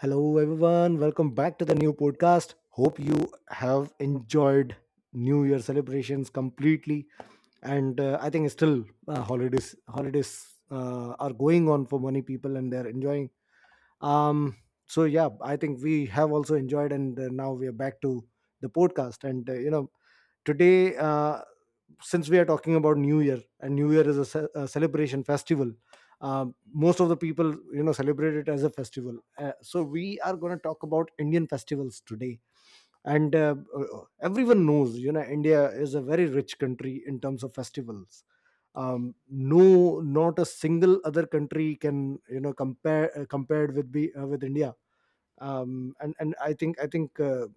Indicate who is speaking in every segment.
Speaker 1: Hello, everyone. Welcome back to the new podcast. Hope you have enjoyed New Year celebrations completely, and I think still holidays are going on for many people, and they're enjoying. Um, so yeah, I think we have also enjoyed, and now we are back to the podcast. And you know, today. Since we are talking about new year, and new year is a celebration festival, uh, most of the people celebrate it as a festival, so we are going to talk about Indian festivals today. And everyone knows, India is a very rich country in terms of festivals. No, not a single other country can compare compared with India. And I think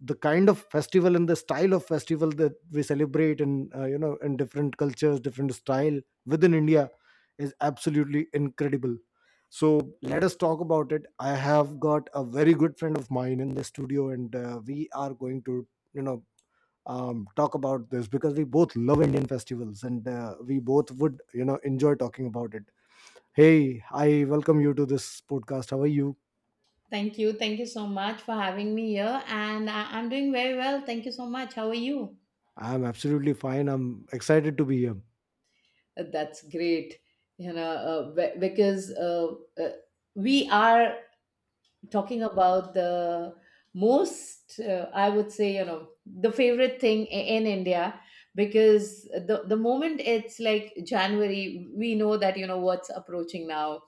Speaker 1: the kind of festival and the style of festival that we celebrate in in different cultures, different style within India is absolutely incredible. So let us talk about it. I have got a very good friend of mine in the studio, and we are going to you know talk about this because we both love Indian festivals, and we both would, enjoy talking about it. Hey, I welcome you to this podcast. How are you?
Speaker 2: Thank you. Thank you so much for having me here. And I'm doing very well. Thank you so much. How are you?
Speaker 1: I'm absolutely fine. I'm excited to be here.
Speaker 2: That's great. You know, be- because We are talking about the most, I would say, the favorite thing in India, because the moment it's like January, we know that, what's approaching now.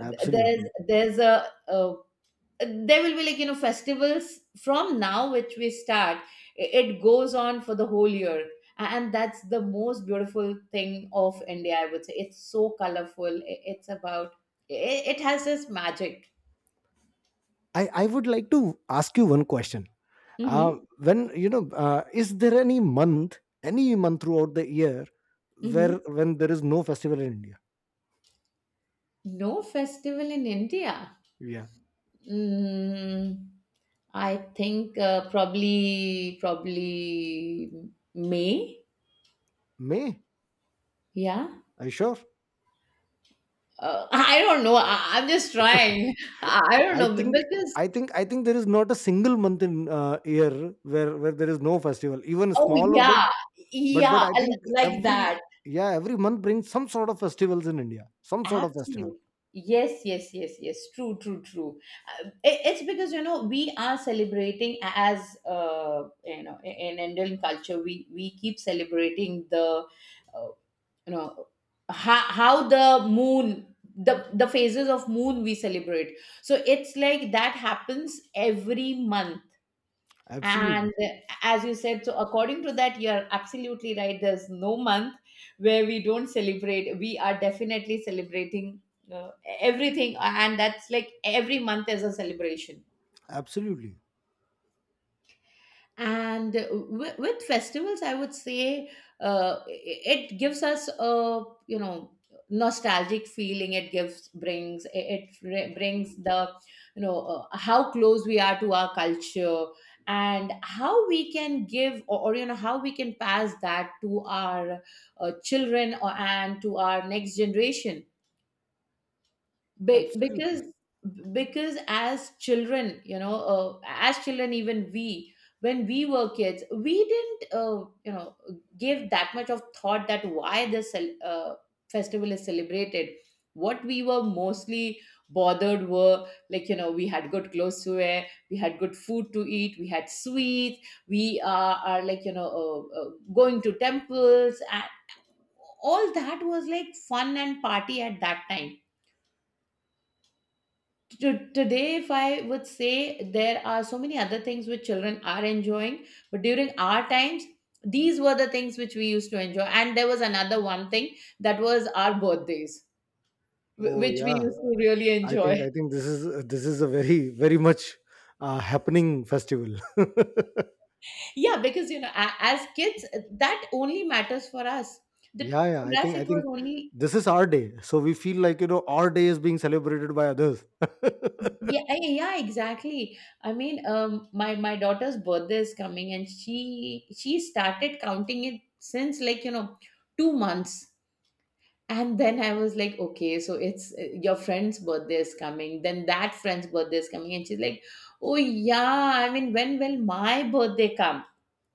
Speaker 2: Th- there's a there will be like, you know, festivals from now which we start. It goes on for the whole year. And that's the most beautiful thing of india, I would say. It's so colorful. It's about, it has this magic.
Speaker 1: I would like to ask you one question.
Speaker 2: Hmm.
Speaker 1: Is there any month throughout the year, where
Speaker 2: Hmm.
Speaker 1: when there is no festival in India?
Speaker 2: No festival in india.
Speaker 1: Yeah.
Speaker 2: mm, I think, probably may.
Speaker 1: May.
Speaker 2: Yeah.
Speaker 1: Are you sure?
Speaker 2: I don't know. I'm just trying. I don't
Speaker 1: I
Speaker 2: know
Speaker 1: think
Speaker 2: because.
Speaker 1: I think there is not a single month in year where there is no festival, even
Speaker 2: Oh
Speaker 1: small or big.
Speaker 2: yeah,
Speaker 1: But
Speaker 2: yeah,
Speaker 1: I
Speaker 2: I
Speaker 1: think
Speaker 2: like
Speaker 1: every,
Speaker 2: that.
Speaker 1: yeah, every month brings some sort of festivals in India, some sort of festival.
Speaker 2: Absolutely. Yes, yes, yes, yes. True, true, true. It's because you know we are celebrating as, in Indian culture, we keep celebrating the, uh, you know how the moon, the phases of moon we celebrate. So it's like that happens every month.
Speaker 1: Absolutely,
Speaker 2: And as you said, so according to that, you're absolutely right. There's no month where we don't celebrate. We are definitely celebrating uh, everything. And that's like every month is a celebration.
Speaker 1: absolutely,
Speaker 2: And with festivals, I would say it gives us a, you know, nostalgic feeling. It brings the, you know, how close we are to our culture, and how we can give you know, how we can pass that to our children and to our next generation, be- because
Speaker 1: absolutely.
Speaker 2: because as children, you know, as children even we, when we were kids, we didn't, give that much of thought that why this festival is celebrated. What we were mostly bothered were like, you know, we had good clothes to wear, we had good food to eat, we had sweets. We are like, you know, going to temples and all. That was like fun and party at that time. Today, if I would say, there are so many other things which children are enjoying, but during our times, these were the things which we used to enjoy. And there was another one thing, that was our birthdays,
Speaker 1: Oh
Speaker 2: which we
Speaker 1: yeah.
Speaker 2: used to really
Speaker 1: I think
Speaker 2: enjoy.
Speaker 1: I think this is a very, very much happening festival.
Speaker 2: Yeah, because you know, as kids, that only matters for us. That
Speaker 1: Yeah, yeah. I
Speaker 2: for us
Speaker 1: think I
Speaker 2: it was
Speaker 1: think
Speaker 2: only.
Speaker 1: this is our day, so we feel like, our day is being celebrated by others.
Speaker 2: Yeah, yeah, yeah, exactly. I mean, my daughter's birthday is coming, and she started counting it since, like, you know, 2 months. And then I was like, okay, so it's, your friend's birthday is coming. Then that friend's birthday is coming. And she's like, oh, yeah, I mean, when will my birthday come?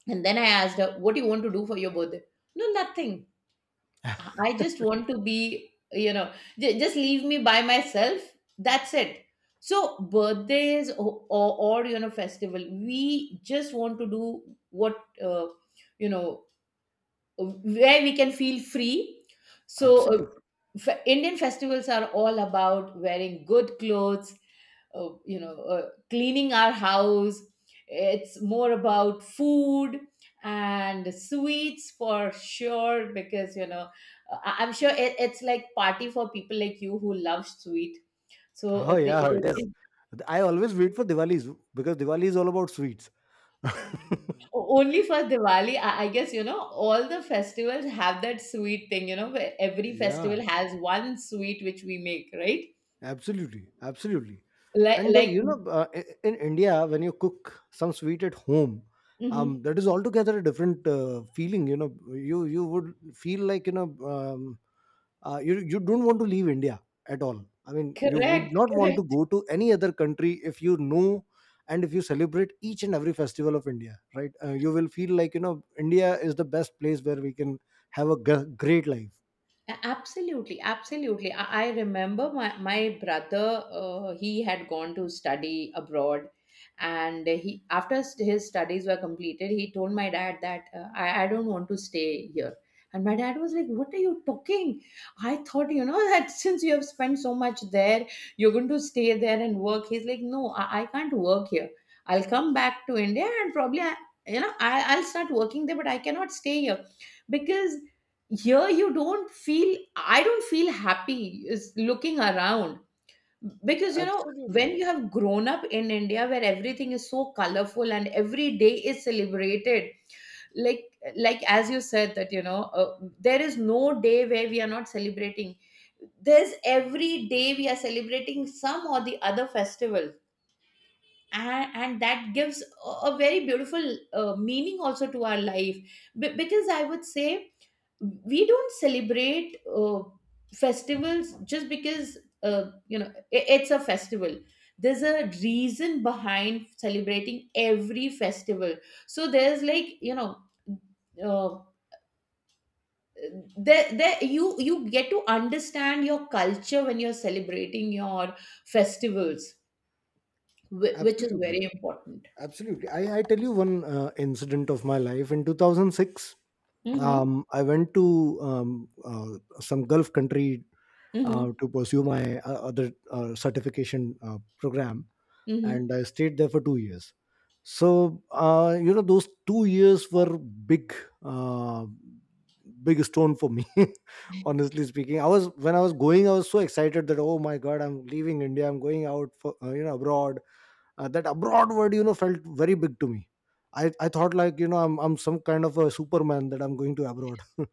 Speaker 2: And then I asked her, what do you want to do for your birthday? No, nothing. I just want to be, you know, just leave me by myself. That's it. So, birthdays or, you know, festival, we just want to do what, uh, you know, where we can feel free. So,
Speaker 1: Absolutely.
Speaker 2: Indian festivals are all about wearing good clothes, cleaning our house. It's more about food and sweets for sure, because you know I'm sure it's like party for people like you who love sweet. So
Speaker 1: Oh yeah, it is.
Speaker 2: they.
Speaker 1: I always wait for Diwali's because Diwali is all about sweets.
Speaker 2: Only for Diwali, I guess, you know, all the festivals have that sweet thing, you know, where every
Speaker 1: Yeah,
Speaker 2: festival has one sweet which we make, right?
Speaker 1: absolutely, absolutely.
Speaker 2: Like,
Speaker 1: And
Speaker 2: like,
Speaker 1: in India, when you cook some sweet at home,
Speaker 2: Mhm.
Speaker 1: that is altogether a different feeling. You know, you would feel like you you don't want to leave India at all. I mean, you would
Speaker 2: Correct,
Speaker 1: not want to
Speaker 2: correct.
Speaker 1: go to any other country if you know and if you celebrate each and every festival of India, right? You will feel like, India is the best place where we can have a great life.
Speaker 2: Absolutely, absolutely. I remember my brother, he had gone to study abroad, and he after his studies were completed, he told my dad that, I don't want to stay here. And my dad was like, what are you talking? I thought, you know, that since you have spent so much there, you're going to stay there and work. He's like, no, I can't work here. I'll come back to India and probably, I, you know, I'll start working there, but I cannot stay here because here you don't feel, I don't feel happy is looking around, because you know when
Speaker 1: Absolutely,
Speaker 2: you have grown up in india where everything is so colorful and every day is celebrated, like as you said that, you know, there is no day where we are not celebrating. There's every day we are celebrating some or the other festival. And that gives a very beautiful meaning also to our life. Because, I would say, we don't celebrate festivals just because, uh, you know I it's a festival. There's a reason behind celebrating every festival. So there's like, you know, uh, there you you get to understand your culture when you're celebrating your festivals, which is
Speaker 1: absolutely.
Speaker 2: very important.
Speaker 1: Absolutely. I tell you one incident of my life. In 2006,
Speaker 2: Mm-hmm,
Speaker 1: I went to some Gulf country
Speaker 2: mm-hmm,
Speaker 1: to pursue my other certification program,
Speaker 2: mm-hmm.
Speaker 1: and I stayed there for 2 years. So you know, those 2 years were big, uh, big stone for me. Honestly speaking, I was, when I was going, I was so excited that, oh my god, I'm leaving India, I'm going out for abroad. That abroad word, you know, felt very big to me. I thought like, I'm some kind of a Superman, that I'm going to abroad.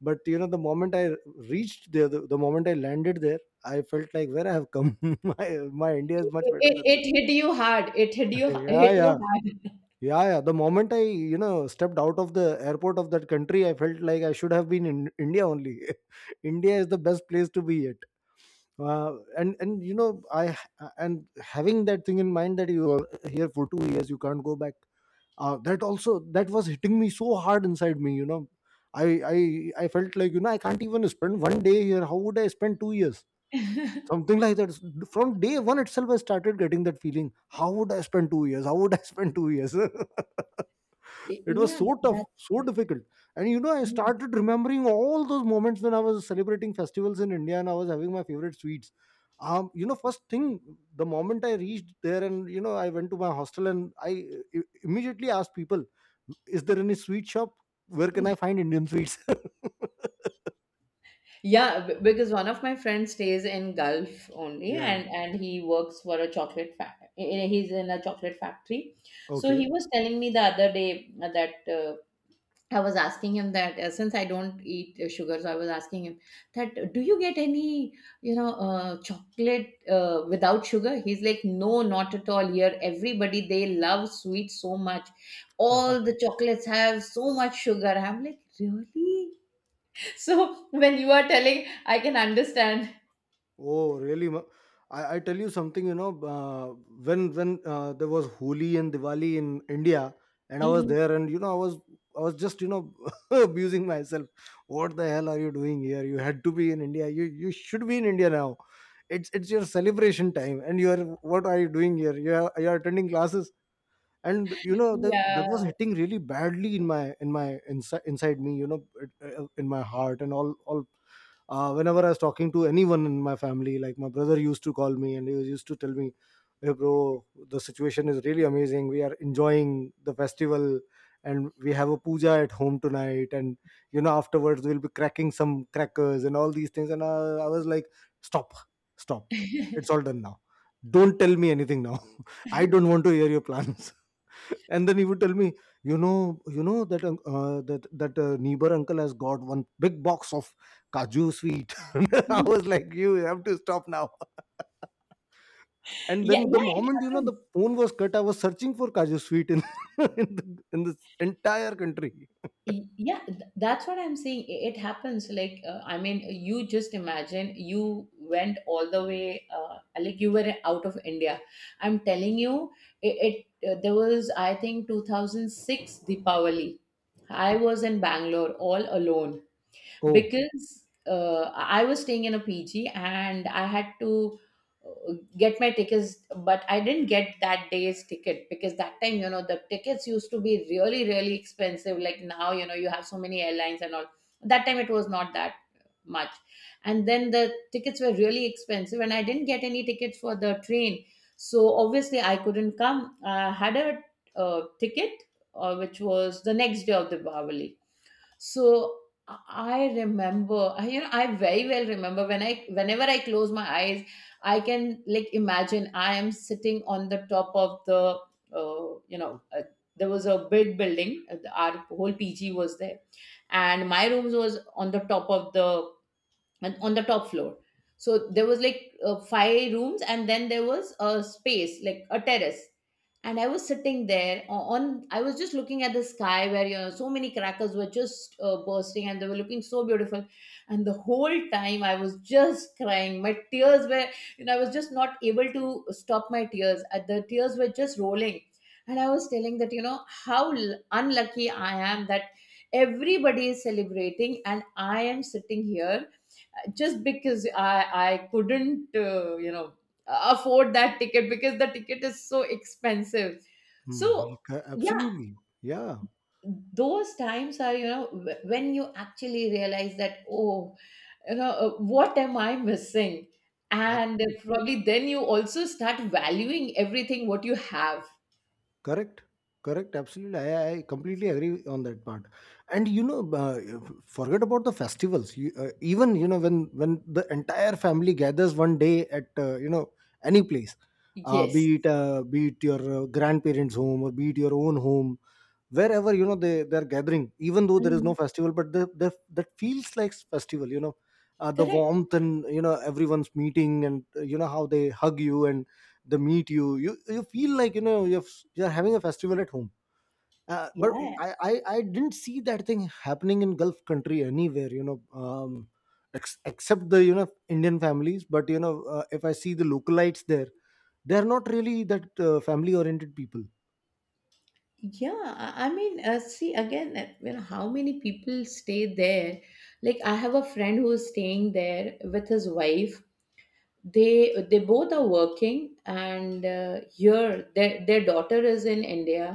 Speaker 1: But you know, the moment I reached there, the moment I landed there, I felt like, where I have come. My India is
Speaker 2: It,
Speaker 1: much better than.
Speaker 2: it hit you hard, it hit you,
Speaker 1: Yeah,
Speaker 2: hit
Speaker 1: yeah.
Speaker 2: you hard.
Speaker 1: Yeah, yeah. The moment I, you know, stepped out of the airport of that country, I felt like I should have been in India only. India is the best place to be at. And you know, I, and having that thing in mind that you are here for 2 years, you can't go back. That also, that was hitting me so hard inside me. You know, I I felt like, I can't even spend one day here. How would I spend 2 years? Something like that. From day one itself, I started getting that feeling. How would I spend 2 years? How would I spend 2 years? It was
Speaker 2: Yeah,
Speaker 1: so tough, so
Speaker 2: that's.
Speaker 1: difficult. And you know, I
Speaker 2: Mm.
Speaker 1: started remembering all those moments when I was celebrating festivals in India and I was having my favorite sweets. You know, first thing, the moment I reached there, and you know, I went to my hostel, and I immediately asked people, is there any sweet shop? Where can I find Indian sweets?
Speaker 2: Yeah, because one of my friends stays in Gulf only,
Speaker 1: Yeah.
Speaker 2: and he works for a chocolate factory. He's in a chocolate factory, so
Speaker 1: Okay.
Speaker 2: he was telling me the other day that, I was asking him that, since I don't eat sugar, so I was asking him that, do you get any, you know, chocolate without sugar? He's like, no, not at all. Here, everybody, they love sweet so much. All the chocolates have so much sugar. I'm like, really? So when you are telling, I can understand.
Speaker 1: Oh, really? I tell you something, you know, when there was Holi and Diwali in India, and I was
Speaker 2: Mhm.
Speaker 1: there, and you know, I was, I was just, you know, abusing myself. What the hell are you doing here? You had to be in India. You should be in India now. It's your celebration time, and you are, what are you doing here? You are, you are attending classes. And you know, that that was
Speaker 2: Yeah.
Speaker 1: hitting really badly in my, in my inside, inside me, you know it, in my heart and all, whenever I was talking to anyone in my family, like my brother used to call me, and he used to tell me, hey bro, the situation is really amazing, we are enjoying the festival, and we have a puja at home tonight, and you know, afterwards we'll be cracking some crackers and all these things, and I was like, stop, stop. It's all done now. Don't tell me anything now. I don't want to hear your plans. And then he would tell me, you know, you know that that neighbor uncle has got one big box of kaju sweet. I
Speaker 2: Mhm.
Speaker 1: was like, you have to stop now. And
Speaker 2: Yeah,
Speaker 1: then the
Speaker 2: yeah, it
Speaker 1: moment, you know,
Speaker 2: happens.
Speaker 1: the phone was cut, I was searching for kaju sweet in in, the, in this entire country.
Speaker 2: Yeah, that's what I'm saying. It happens. Like, I mean, you just imagine you went all the way, like you were out of India. I'm telling you, it, it there was, I think, 2006 Deepavali. I was in Bangalore all alone,
Speaker 1: Oh.
Speaker 2: because I was staying in a PG, and I had to get my tickets, but I didn't get that day's ticket, because that time, you know, the tickets used to be really, really expensive. Like now, you know, you have so many airlines and all. That time it was not that much. And then the tickets were really expensive, and I didn't get any tickets for the train. So obviously I couldn't come. I had a ticket which was the next day of the Diwali. So I remember, you know, I very well remember when I, whenever I close my eyes, I can like imagine I am sitting on the top of the, uh, you know, uh, there was a big building. Our whole PG was there, and my rooms was on the top of the, and on the top floor. So there was like 5 rooms, and then there was a space like a terrace. And I was sitting there o- on I was just looking at the sky where, you know, so many crackers were just bursting and they were looking so beautiful. And the whole time I was just crying. My tears were, you know, I was just not able to stop my tears. The tears were just rolling. And I was telling that, you know, how unlucky I am that everybody is celebrating and I am sitting here, just because I couldn't, afford that ticket because the ticket is so expensive. So.
Speaker 1: Mm,
Speaker 2: Yeah,
Speaker 1: absolutely. Yeah,
Speaker 2: those times are, you know, when you actually realize that, oh, you know, what am I missing. And
Speaker 1: absolutely.
Speaker 2: probably then you also start valuing everything what you have.
Speaker 1: Correct. Correct. Absolutely. I completely agree on that part. And you know, forget about the festivals. Even you know, when the entire family gathers one day at, any place,
Speaker 2: Yes.
Speaker 1: be it your grandparents' home, or be it your own home, wherever, you know, they're gathering, even though there is no
Speaker 2: Mhm.
Speaker 1: festival, but the, that feels like festival, you know, the
Speaker 2: Correct.
Speaker 1: warmth, and you know, everyone's meeting, and you know, how they hug you and they meet you, you feel like, you're having a festival at home. uh, but
Speaker 2: Yeah.
Speaker 1: I, I didn't see that thing happening in Gulf country anywhere, you know, ex- except the, you know, Indian families. But you know, if I see the localites there, they're not really that family oriented people.
Speaker 2: Yeah, I mean, see again, you know, how many people stay there? Like, I have a friend who is staying there with his wife. They both are working, and here their daughter is in India.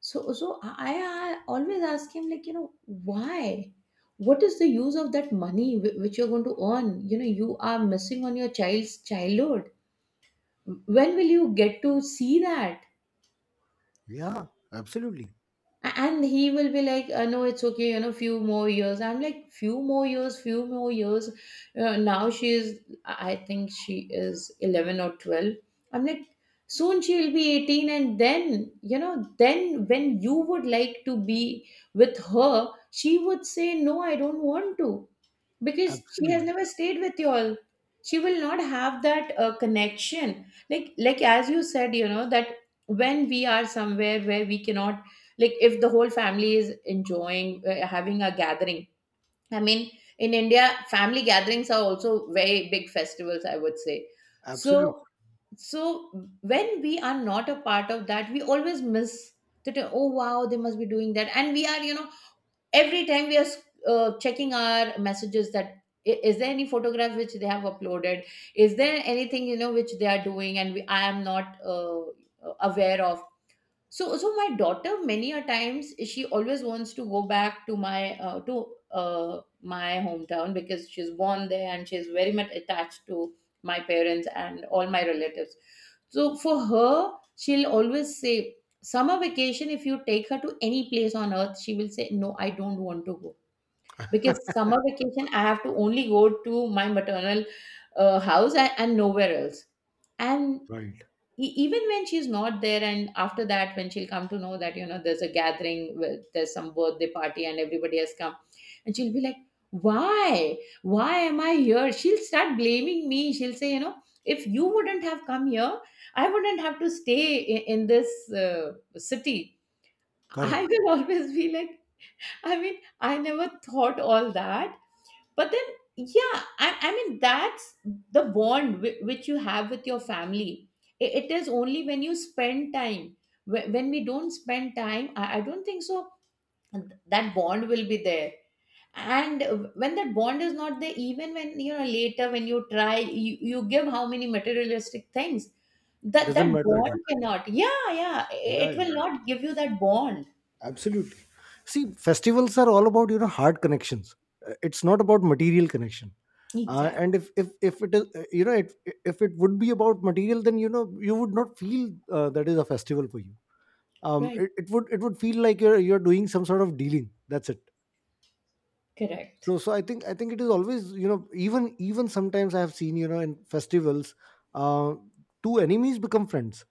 Speaker 2: So I always ask him, like, you know, why? What is the use of that money which you're going to earn? You know, you are missing on your child's childhood. When will you get to see that?
Speaker 1: Yeah, absolutely,
Speaker 2: And he will be like no, it's okay, you know, few more years. I'm like, few more years, few more years. Now she is, I think she is 11 or 12. I'm like, soon she will be 18, and then, you know, then when you would like to be with her, she would say no, I don't want to, because she has
Speaker 1: absolutely.
Speaker 2: never stayed with you all. She will not have that connection. Like as you said, you know, that when we are somewhere where we cannot, like if the whole family is enjoying, having a gathering, I mean, in India family gatherings are also very big festivals, I would say. so
Speaker 1: Absolutely
Speaker 2: so when we are not a part of that, we always miss that. Oh wow, they must be doing that and we are, you know, every time we are checking our messages, that is there any photograph which they have uploaded, is there anything, you know, which they are doing and we, I am not aware of. So my daughter many a times she always wants to go back to my hometown because she's born there, and she's very much attached to my parents and all my relatives. So for her, she'll always say summer vacation, if you take her to any place on earth she will say no, I don't want to go, because summer vacation I have to only go to my maternal house and, nowhere else. And
Speaker 1: right.
Speaker 2: even when she's not there, and after that when she'll come to know that, you know, there's a gathering with, there's some birthday party and everybody has come, and she'll be like, why am I here. She'll start blaming me, she'll say, you know, if you wouldn't have come here, I wouldn't have to stay in, this city.
Speaker 1: Correct.
Speaker 2: I will always be like, I mean, I never thought all that, but then, yeah, I mean that's the bond which you have with your family. It is only when you spend time. When we don't spend time, I don't think so that bond will be there. And when that bond is not there, even when, you know, later, when you try, you give how many materialistic things, that
Speaker 1: Doesn't
Speaker 2: that
Speaker 1: matter at all.
Speaker 2: bond cannot, yeah, yeah,
Speaker 1: Yeah,
Speaker 2: it will
Speaker 1: yeah,
Speaker 2: not give you that bond.
Speaker 1: absolutely. See, festivals are all about, you know, heart connections. It's not about material connection.
Speaker 2: Exactly.
Speaker 1: And if if it is, if it would be about material, then you know, you would not feel that is a festival for you.
Speaker 2: Right.
Speaker 1: It would feel like you're doing some sort of dealing. That's it.
Speaker 2: Correct.
Speaker 1: So I think it is always, you know, even even sometimes I have seen, you know, in festivals, uh, two enemies become friends.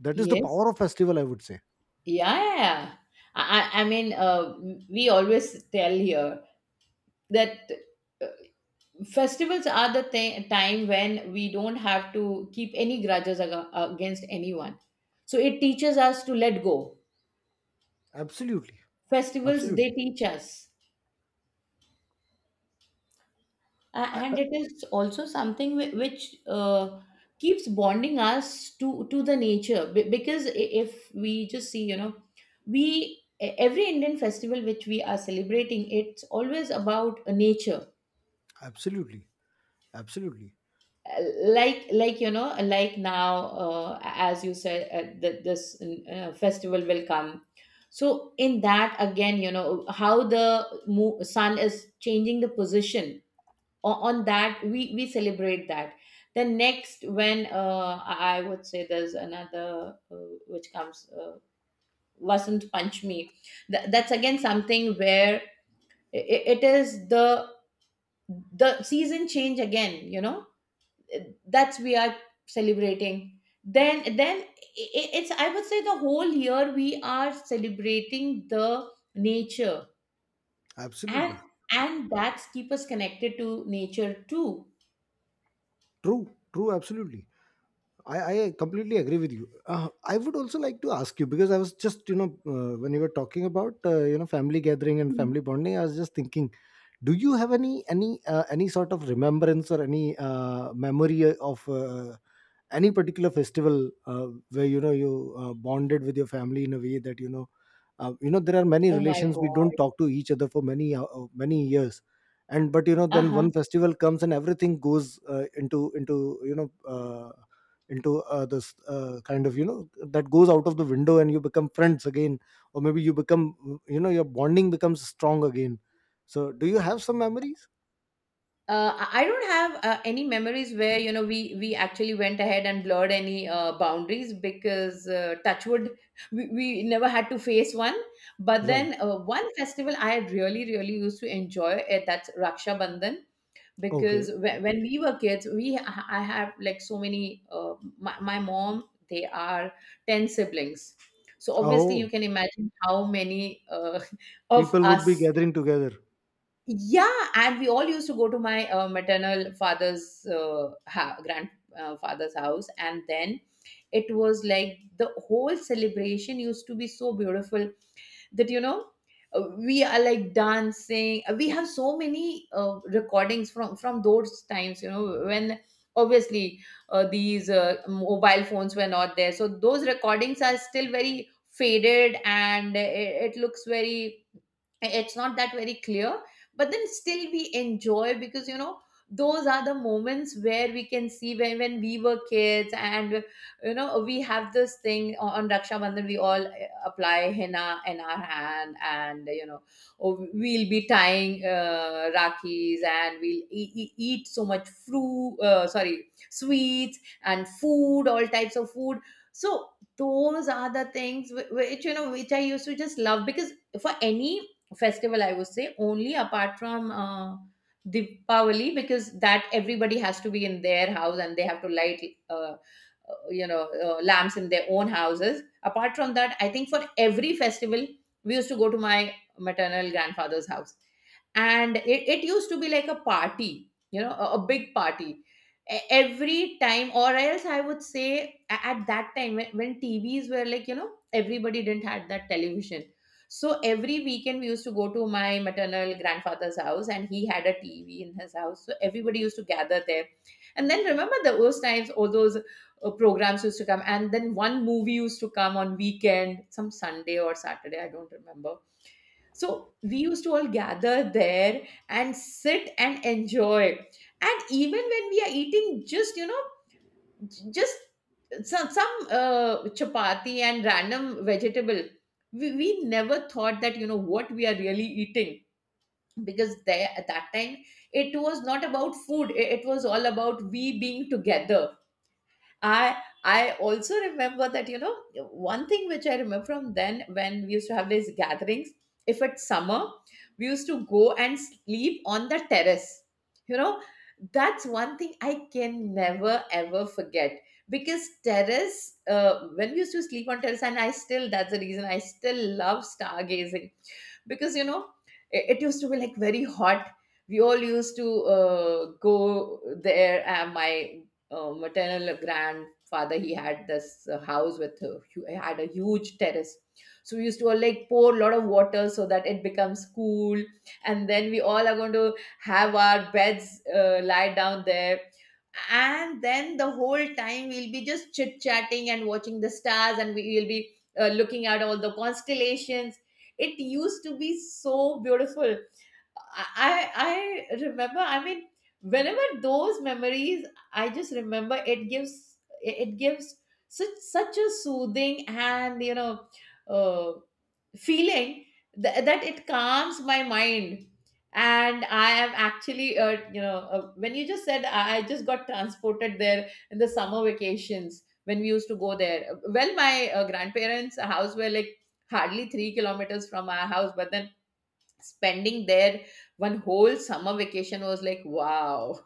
Speaker 1: That is the
Speaker 2: Yes.
Speaker 1: power of festival, I would say.
Speaker 2: Yeah, yeah, yeah. I mean, we always tell here that festivals are the time when we don't have to keep any grudges against anyone. So it teaches us to let go.
Speaker 1: Absolutely.
Speaker 2: Festivals, they
Speaker 1: Absolutely.
Speaker 2: teach us.
Speaker 1: I
Speaker 2: And it is also something which keeps bonding us to the nature. Because if we just see, you know, we every Indian festival which we are celebrating, it's always about nature.
Speaker 1: absolutely. Absolutely.
Speaker 2: Like you know, like now, as you said, that this festival will come, so in that again, you know, how the sun is changing the position, on that we celebrate that. The next, when, I would say there's another, which comes, Vasant Panchami. That's again something where it is the season change again, you know. That's we are celebrating. Then i- it's, I would say, the whole year we are celebrating the nature. And
Speaker 1: Absolutely.
Speaker 2: that's keep us connected to nature too.
Speaker 1: True. True. Absolutely. I completely agree with you. I would also like to ask you, because I was just, you know, when you were talking about, family gathering and
Speaker 2: Mm.
Speaker 1: family bonding, I was just thinking, do you have any, any sort of remembrance or any memory of any particular festival where you know, you bonded with your family in a way that you know, you know, there are many
Speaker 2: Oh my
Speaker 1: relations we don't
Speaker 2: god.
Speaker 1: talk to each other for many many years, and but you know, then
Speaker 2: Uh-huh.
Speaker 1: one festival comes and everything goes into, you know, into this kind of, you know, that goes out of the window, and you become friends again, or maybe you become, you know, your bonding becomes strong again. So do you have some memories?
Speaker 2: I don't have any memories where, you know, we actually went ahead and blurred any boundaries, because touchwood, we never had to face one. But
Speaker 1: Right.
Speaker 2: then, one festival I really really used to enjoy, that's Raksha Bandhan,
Speaker 1: Okay.
Speaker 2: because when, we were kids, we I have like so many, my mom, they are 10 siblings, so obviously you
Speaker 1: Oh,
Speaker 2: can imagine how many, of
Speaker 1: people would be
Speaker 2: us.
Speaker 1: gathering together.
Speaker 2: Yeah, and we all used to go to my maternal father's, grandfather's house, and then it was like the whole celebration used to be so beautiful. That, you know, we are like dancing. We have so many recordings from those times, you know, when obviously these mobile phones were not there, so those recordings are still very faded, and it looks very, it's not that very clear. But then still we enjoy, because, you know, those are the moments where we can see when, we were kids. And, you know, we have this thing, on Raksha Bandhan we all apply henna in our hand, and, you know, oh, we'll be tying rakis, and we'll eat so much fruit, sorry, sweets, and food, all types of food. So those are the things which, you know, which I used to just love, because for any festival, I would say, only apart from, Deepavali, because that everybody has to be in their house and they have to light, uh, lamps in their own houses, apart from that I think for every festival we used to go to my maternal grandfather's house, and it used to be like a party, you know, a big party. Every time, or else I would say at that time when, TVs were like, you know, everybody didn't had that television, so every weekend we used to go to my maternal grandfather's house, and he had a TV in his house, so everybody used to gather there. And then remember the, those times, all those programs used to come, and then one movie used to come on weekend, some Sunday or Saturday, I don't remember. So we used to all gather there and sit and enjoy. And even when we are eating, just, you know, just some, chapati and random vegetable. We never thought that, you know, what we are really eating, because there, at that time, it was not about food, it was all about we being together. I I also remember that, you know, one thing which I remember from then, when we used to have these gatherings. If it's summer, we used to go and sleep on the terrace. You know, that's one thing I can never ever forget. Because terrace, uh, when we used to sleep on terrace, and I still, that's the reason I still love stargazing, because, you know, it used to be like very hot. We all used to go there. Uh, my uh, maternal grandfather, he had this house with a, had a huge terrace. So we used to all like pour a lot of water so that it becomes cool, and then we all are going to have our beds, lie down there. And then the whole time we'll be just chit chatting and watching the stars, and we will be looking at all the constellations. It used to be so beautiful. I remember. I mean, whenever those memories, I just remember, it gives, it gives such, such a soothing and, you know, uh, feeling, that it calms my mind. And I am actually, you know, when you just said, I just got transported there in the summer vacations when we used to go there. Well, my grandparents' house were like hardly 3 kilometers from our house, but then, spending there one whole summer vacation was like wow.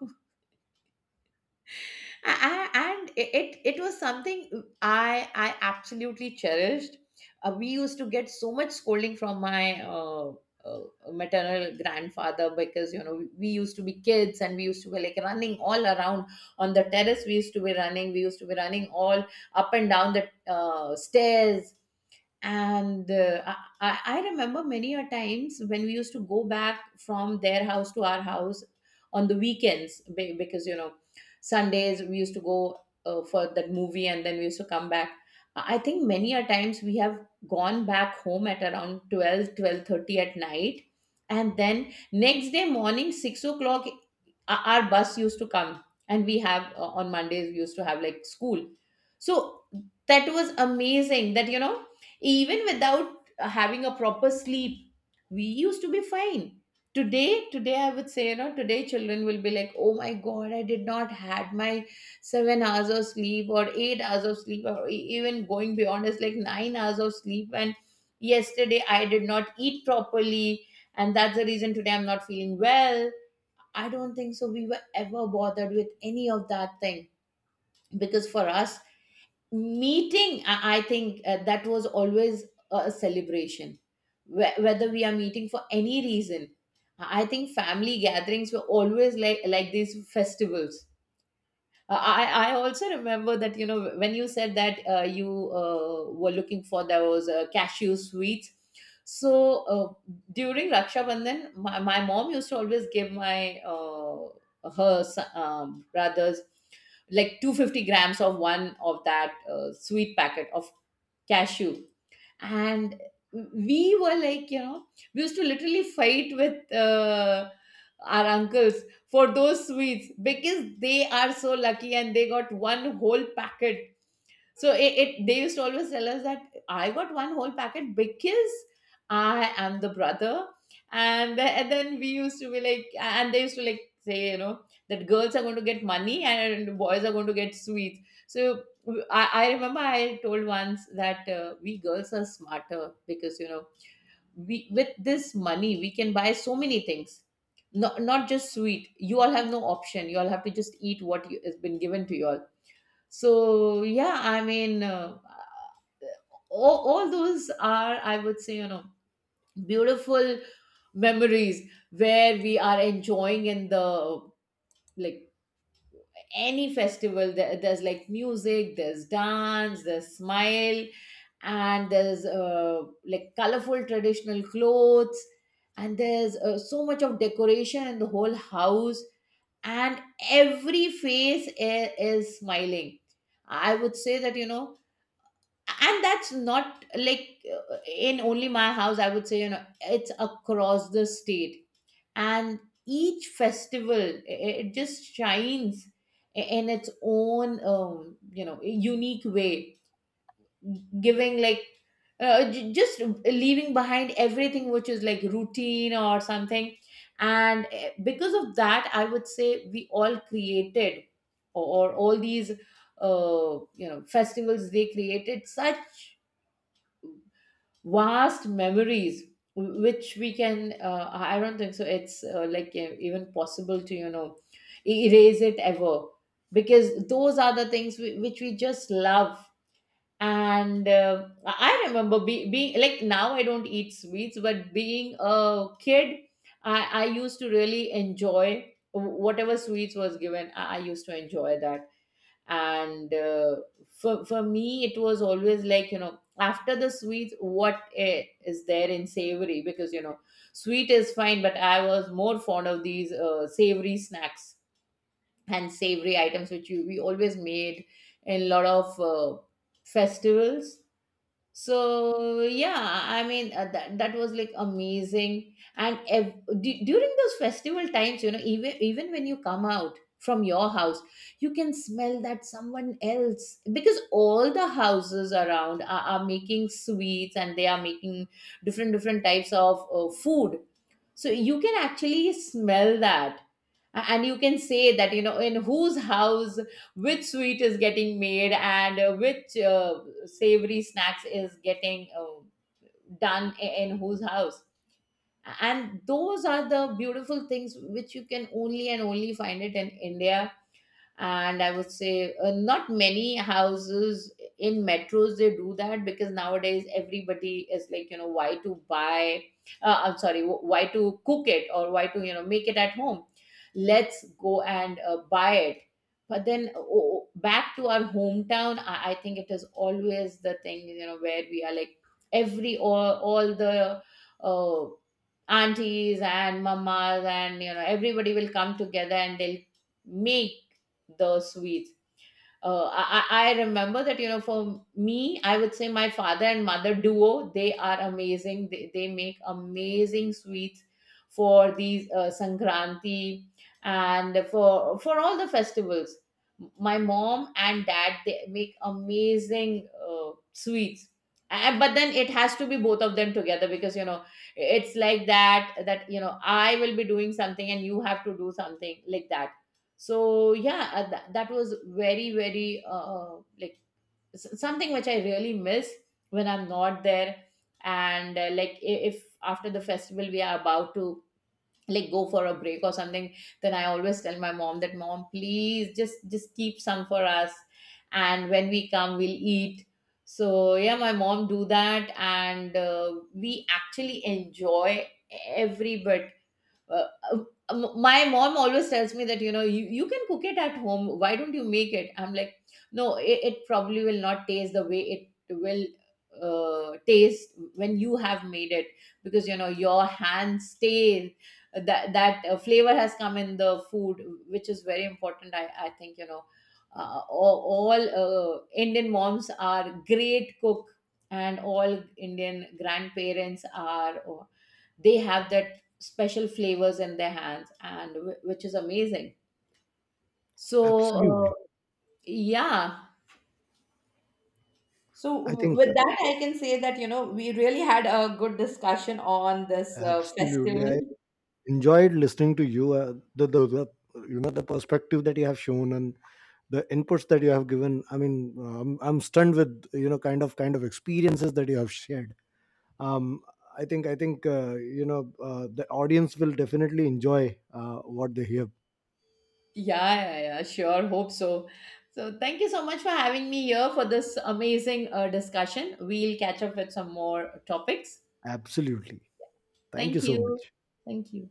Speaker 2: And it was something I absolutely cherished. Uh, we used to get so much scolding from my uh, maternal grandfather, because, you know, we used to be kids, and we used to be like running all around. On the terrace we used to be running, all up and down the stairs. And, I remember many a times when we used to go back from their house to our house on the weekends, because, you know, Sundays we used to go, for that movie and then we used to come back. I think many a times we have gone back home at around 12, 12:30 at night. And then next day morning 6 o'clock our bus used to come, and we have, on Mondays we used to have like school. So that was amazing, that, you know, even without having a proper sleep, we used to be fine. Today, today, I would say, you know, today children will be like, oh my god, I did not had my 7 hours of sleep, or 8 hours of sleep, or even going beyond is like 9 hours of sleep, and yesterday I did not eat properly, and that's the reason today I'm not feeling well. I don't think so we were ever bothered with any of that thing. Because for us, meeting, I think, that was always a celebration. Whether we are meeting for any reason, I think family gatherings were always like these festivals. Uh, I also remember that, you know, when you said that you, were looking for those cashew sweets. So uh, during Raksha Bandhan, my mom used to always give my brothers like 250 grams of one of that sweet packet of cashew, and we were like, we used to literally fight with our uncles for those sweets because they are so lucky and they got one whole packet. So it they used to always tell us that I got one whole packet because I am the brother. And then we used to be like, and they used to like say, you know, that girls are going to get money and boys are going to get sweets. So I remember I told once that we girls are smarter because, you know, we with this money, we can buy so many things. Not just sweet. You all have no option. You all have to just eat what you, has been given to you all. So yeah, all those are, I would say, beautiful memories where we are enjoying in the, like, any festival. There's like music, there's dance, there's smile, and there's like colorful traditional clothes, and there's so much of decoration in the whole house, and every face is smiling, I would say, that you know. And that's not like in only my house, I would say, you know, it's across the state. And each festival, it just shines in its own, you know, unique way, giving like just leaving behind everything which is like routine or something. And because of that, I would say we all created, or, or all these you know, festivals, they created such vast memories, which we can I don't think so it's like even possible to, you know, erase it ever, because those are the things which we just love. And I remember being like, now I don't eat sweets, but being a kid, I used to really enjoy whatever sweets was given. I used to enjoy that. And for me it was always like, you know, after the sweets, what is there in savory? Because, you know, sweet is fine, but I was more fond of these savory snacks and savory items which we always made in a lot of festivals. So yeah, that that was like amazing. And during those festival times, you know, even when you come out from your house, you can smell that someone else, because all the houses around are making sweets and they are making different different types of food. So you can actually smell that. And you can say that, you know, in whose house which sweet is getting made, and which savory snacks is getting done in whose house. And those are the beautiful things which you can only and only find it in India. And I would say not many houses in metros they do that, because nowadays everybody is like, you know, why to buy, I'm sorry, why to cook it, or why to, you know, make it at home? Let's go and buy it. But then back to our hometown, I think it is always the thing, you know, where we are like every, all the uh, aunties and mamas and, you know, everybody will come together and they'll make the sweets. I remember that, you know, for me, I would say my father and mother duo, they are amazing. They make amazing sweets for these Sankranti and for all the festivals. My mom and dad, they make amazing sweets. And, but then it has to be both of them together because, you know, it's like that, you know, I will be doing something and you have to do something, like that. So yeah, that was very very like something which I really miss when I'm not there. And like, if after the festival we are about to like go for a break or something, then I always tell my mom that, mom, please, just keep some for us, and when we come, we'll eat. So yeah, my mom do that, and we actually enjoy every bit. uh, my mom always tells me that, you know, you can cook it at home, why don't you make it? I'm like, no, it probably will not taste the way it will taste when you have made it, because, you know, your hands stay, that flavor has come in the food, which is very important, I think, you know, all Indian moms are great cook, and all Indian grandparents are, or they have that special flavors in their hands, and which is amazing. So uh,
Speaker 1: Absolutely.
Speaker 2: yeah. So,
Speaker 1: I think
Speaker 2: with that, I can say that, you know, we really had a good discussion on this
Speaker 1: absolutely.
Speaker 2: festival.
Speaker 1: I enjoyed listening to you. The, you know, the perspective that you have shown and the inputs that you have given. I mean, I'm stunned with, you know, kind of experiences that you have shared. Um, I think you know, the audience will definitely enjoy what they hear.
Speaker 2: Yeah, yeah, yeah, sure, hope so. So thank you so much for having me here for this amazing discussion. We'll catch up with some more topics.
Speaker 1: Absolutely. Thank you
Speaker 2: Thank
Speaker 1: so
Speaker 2: you.
Speaker 1: much.
Speaker 2: Thank you.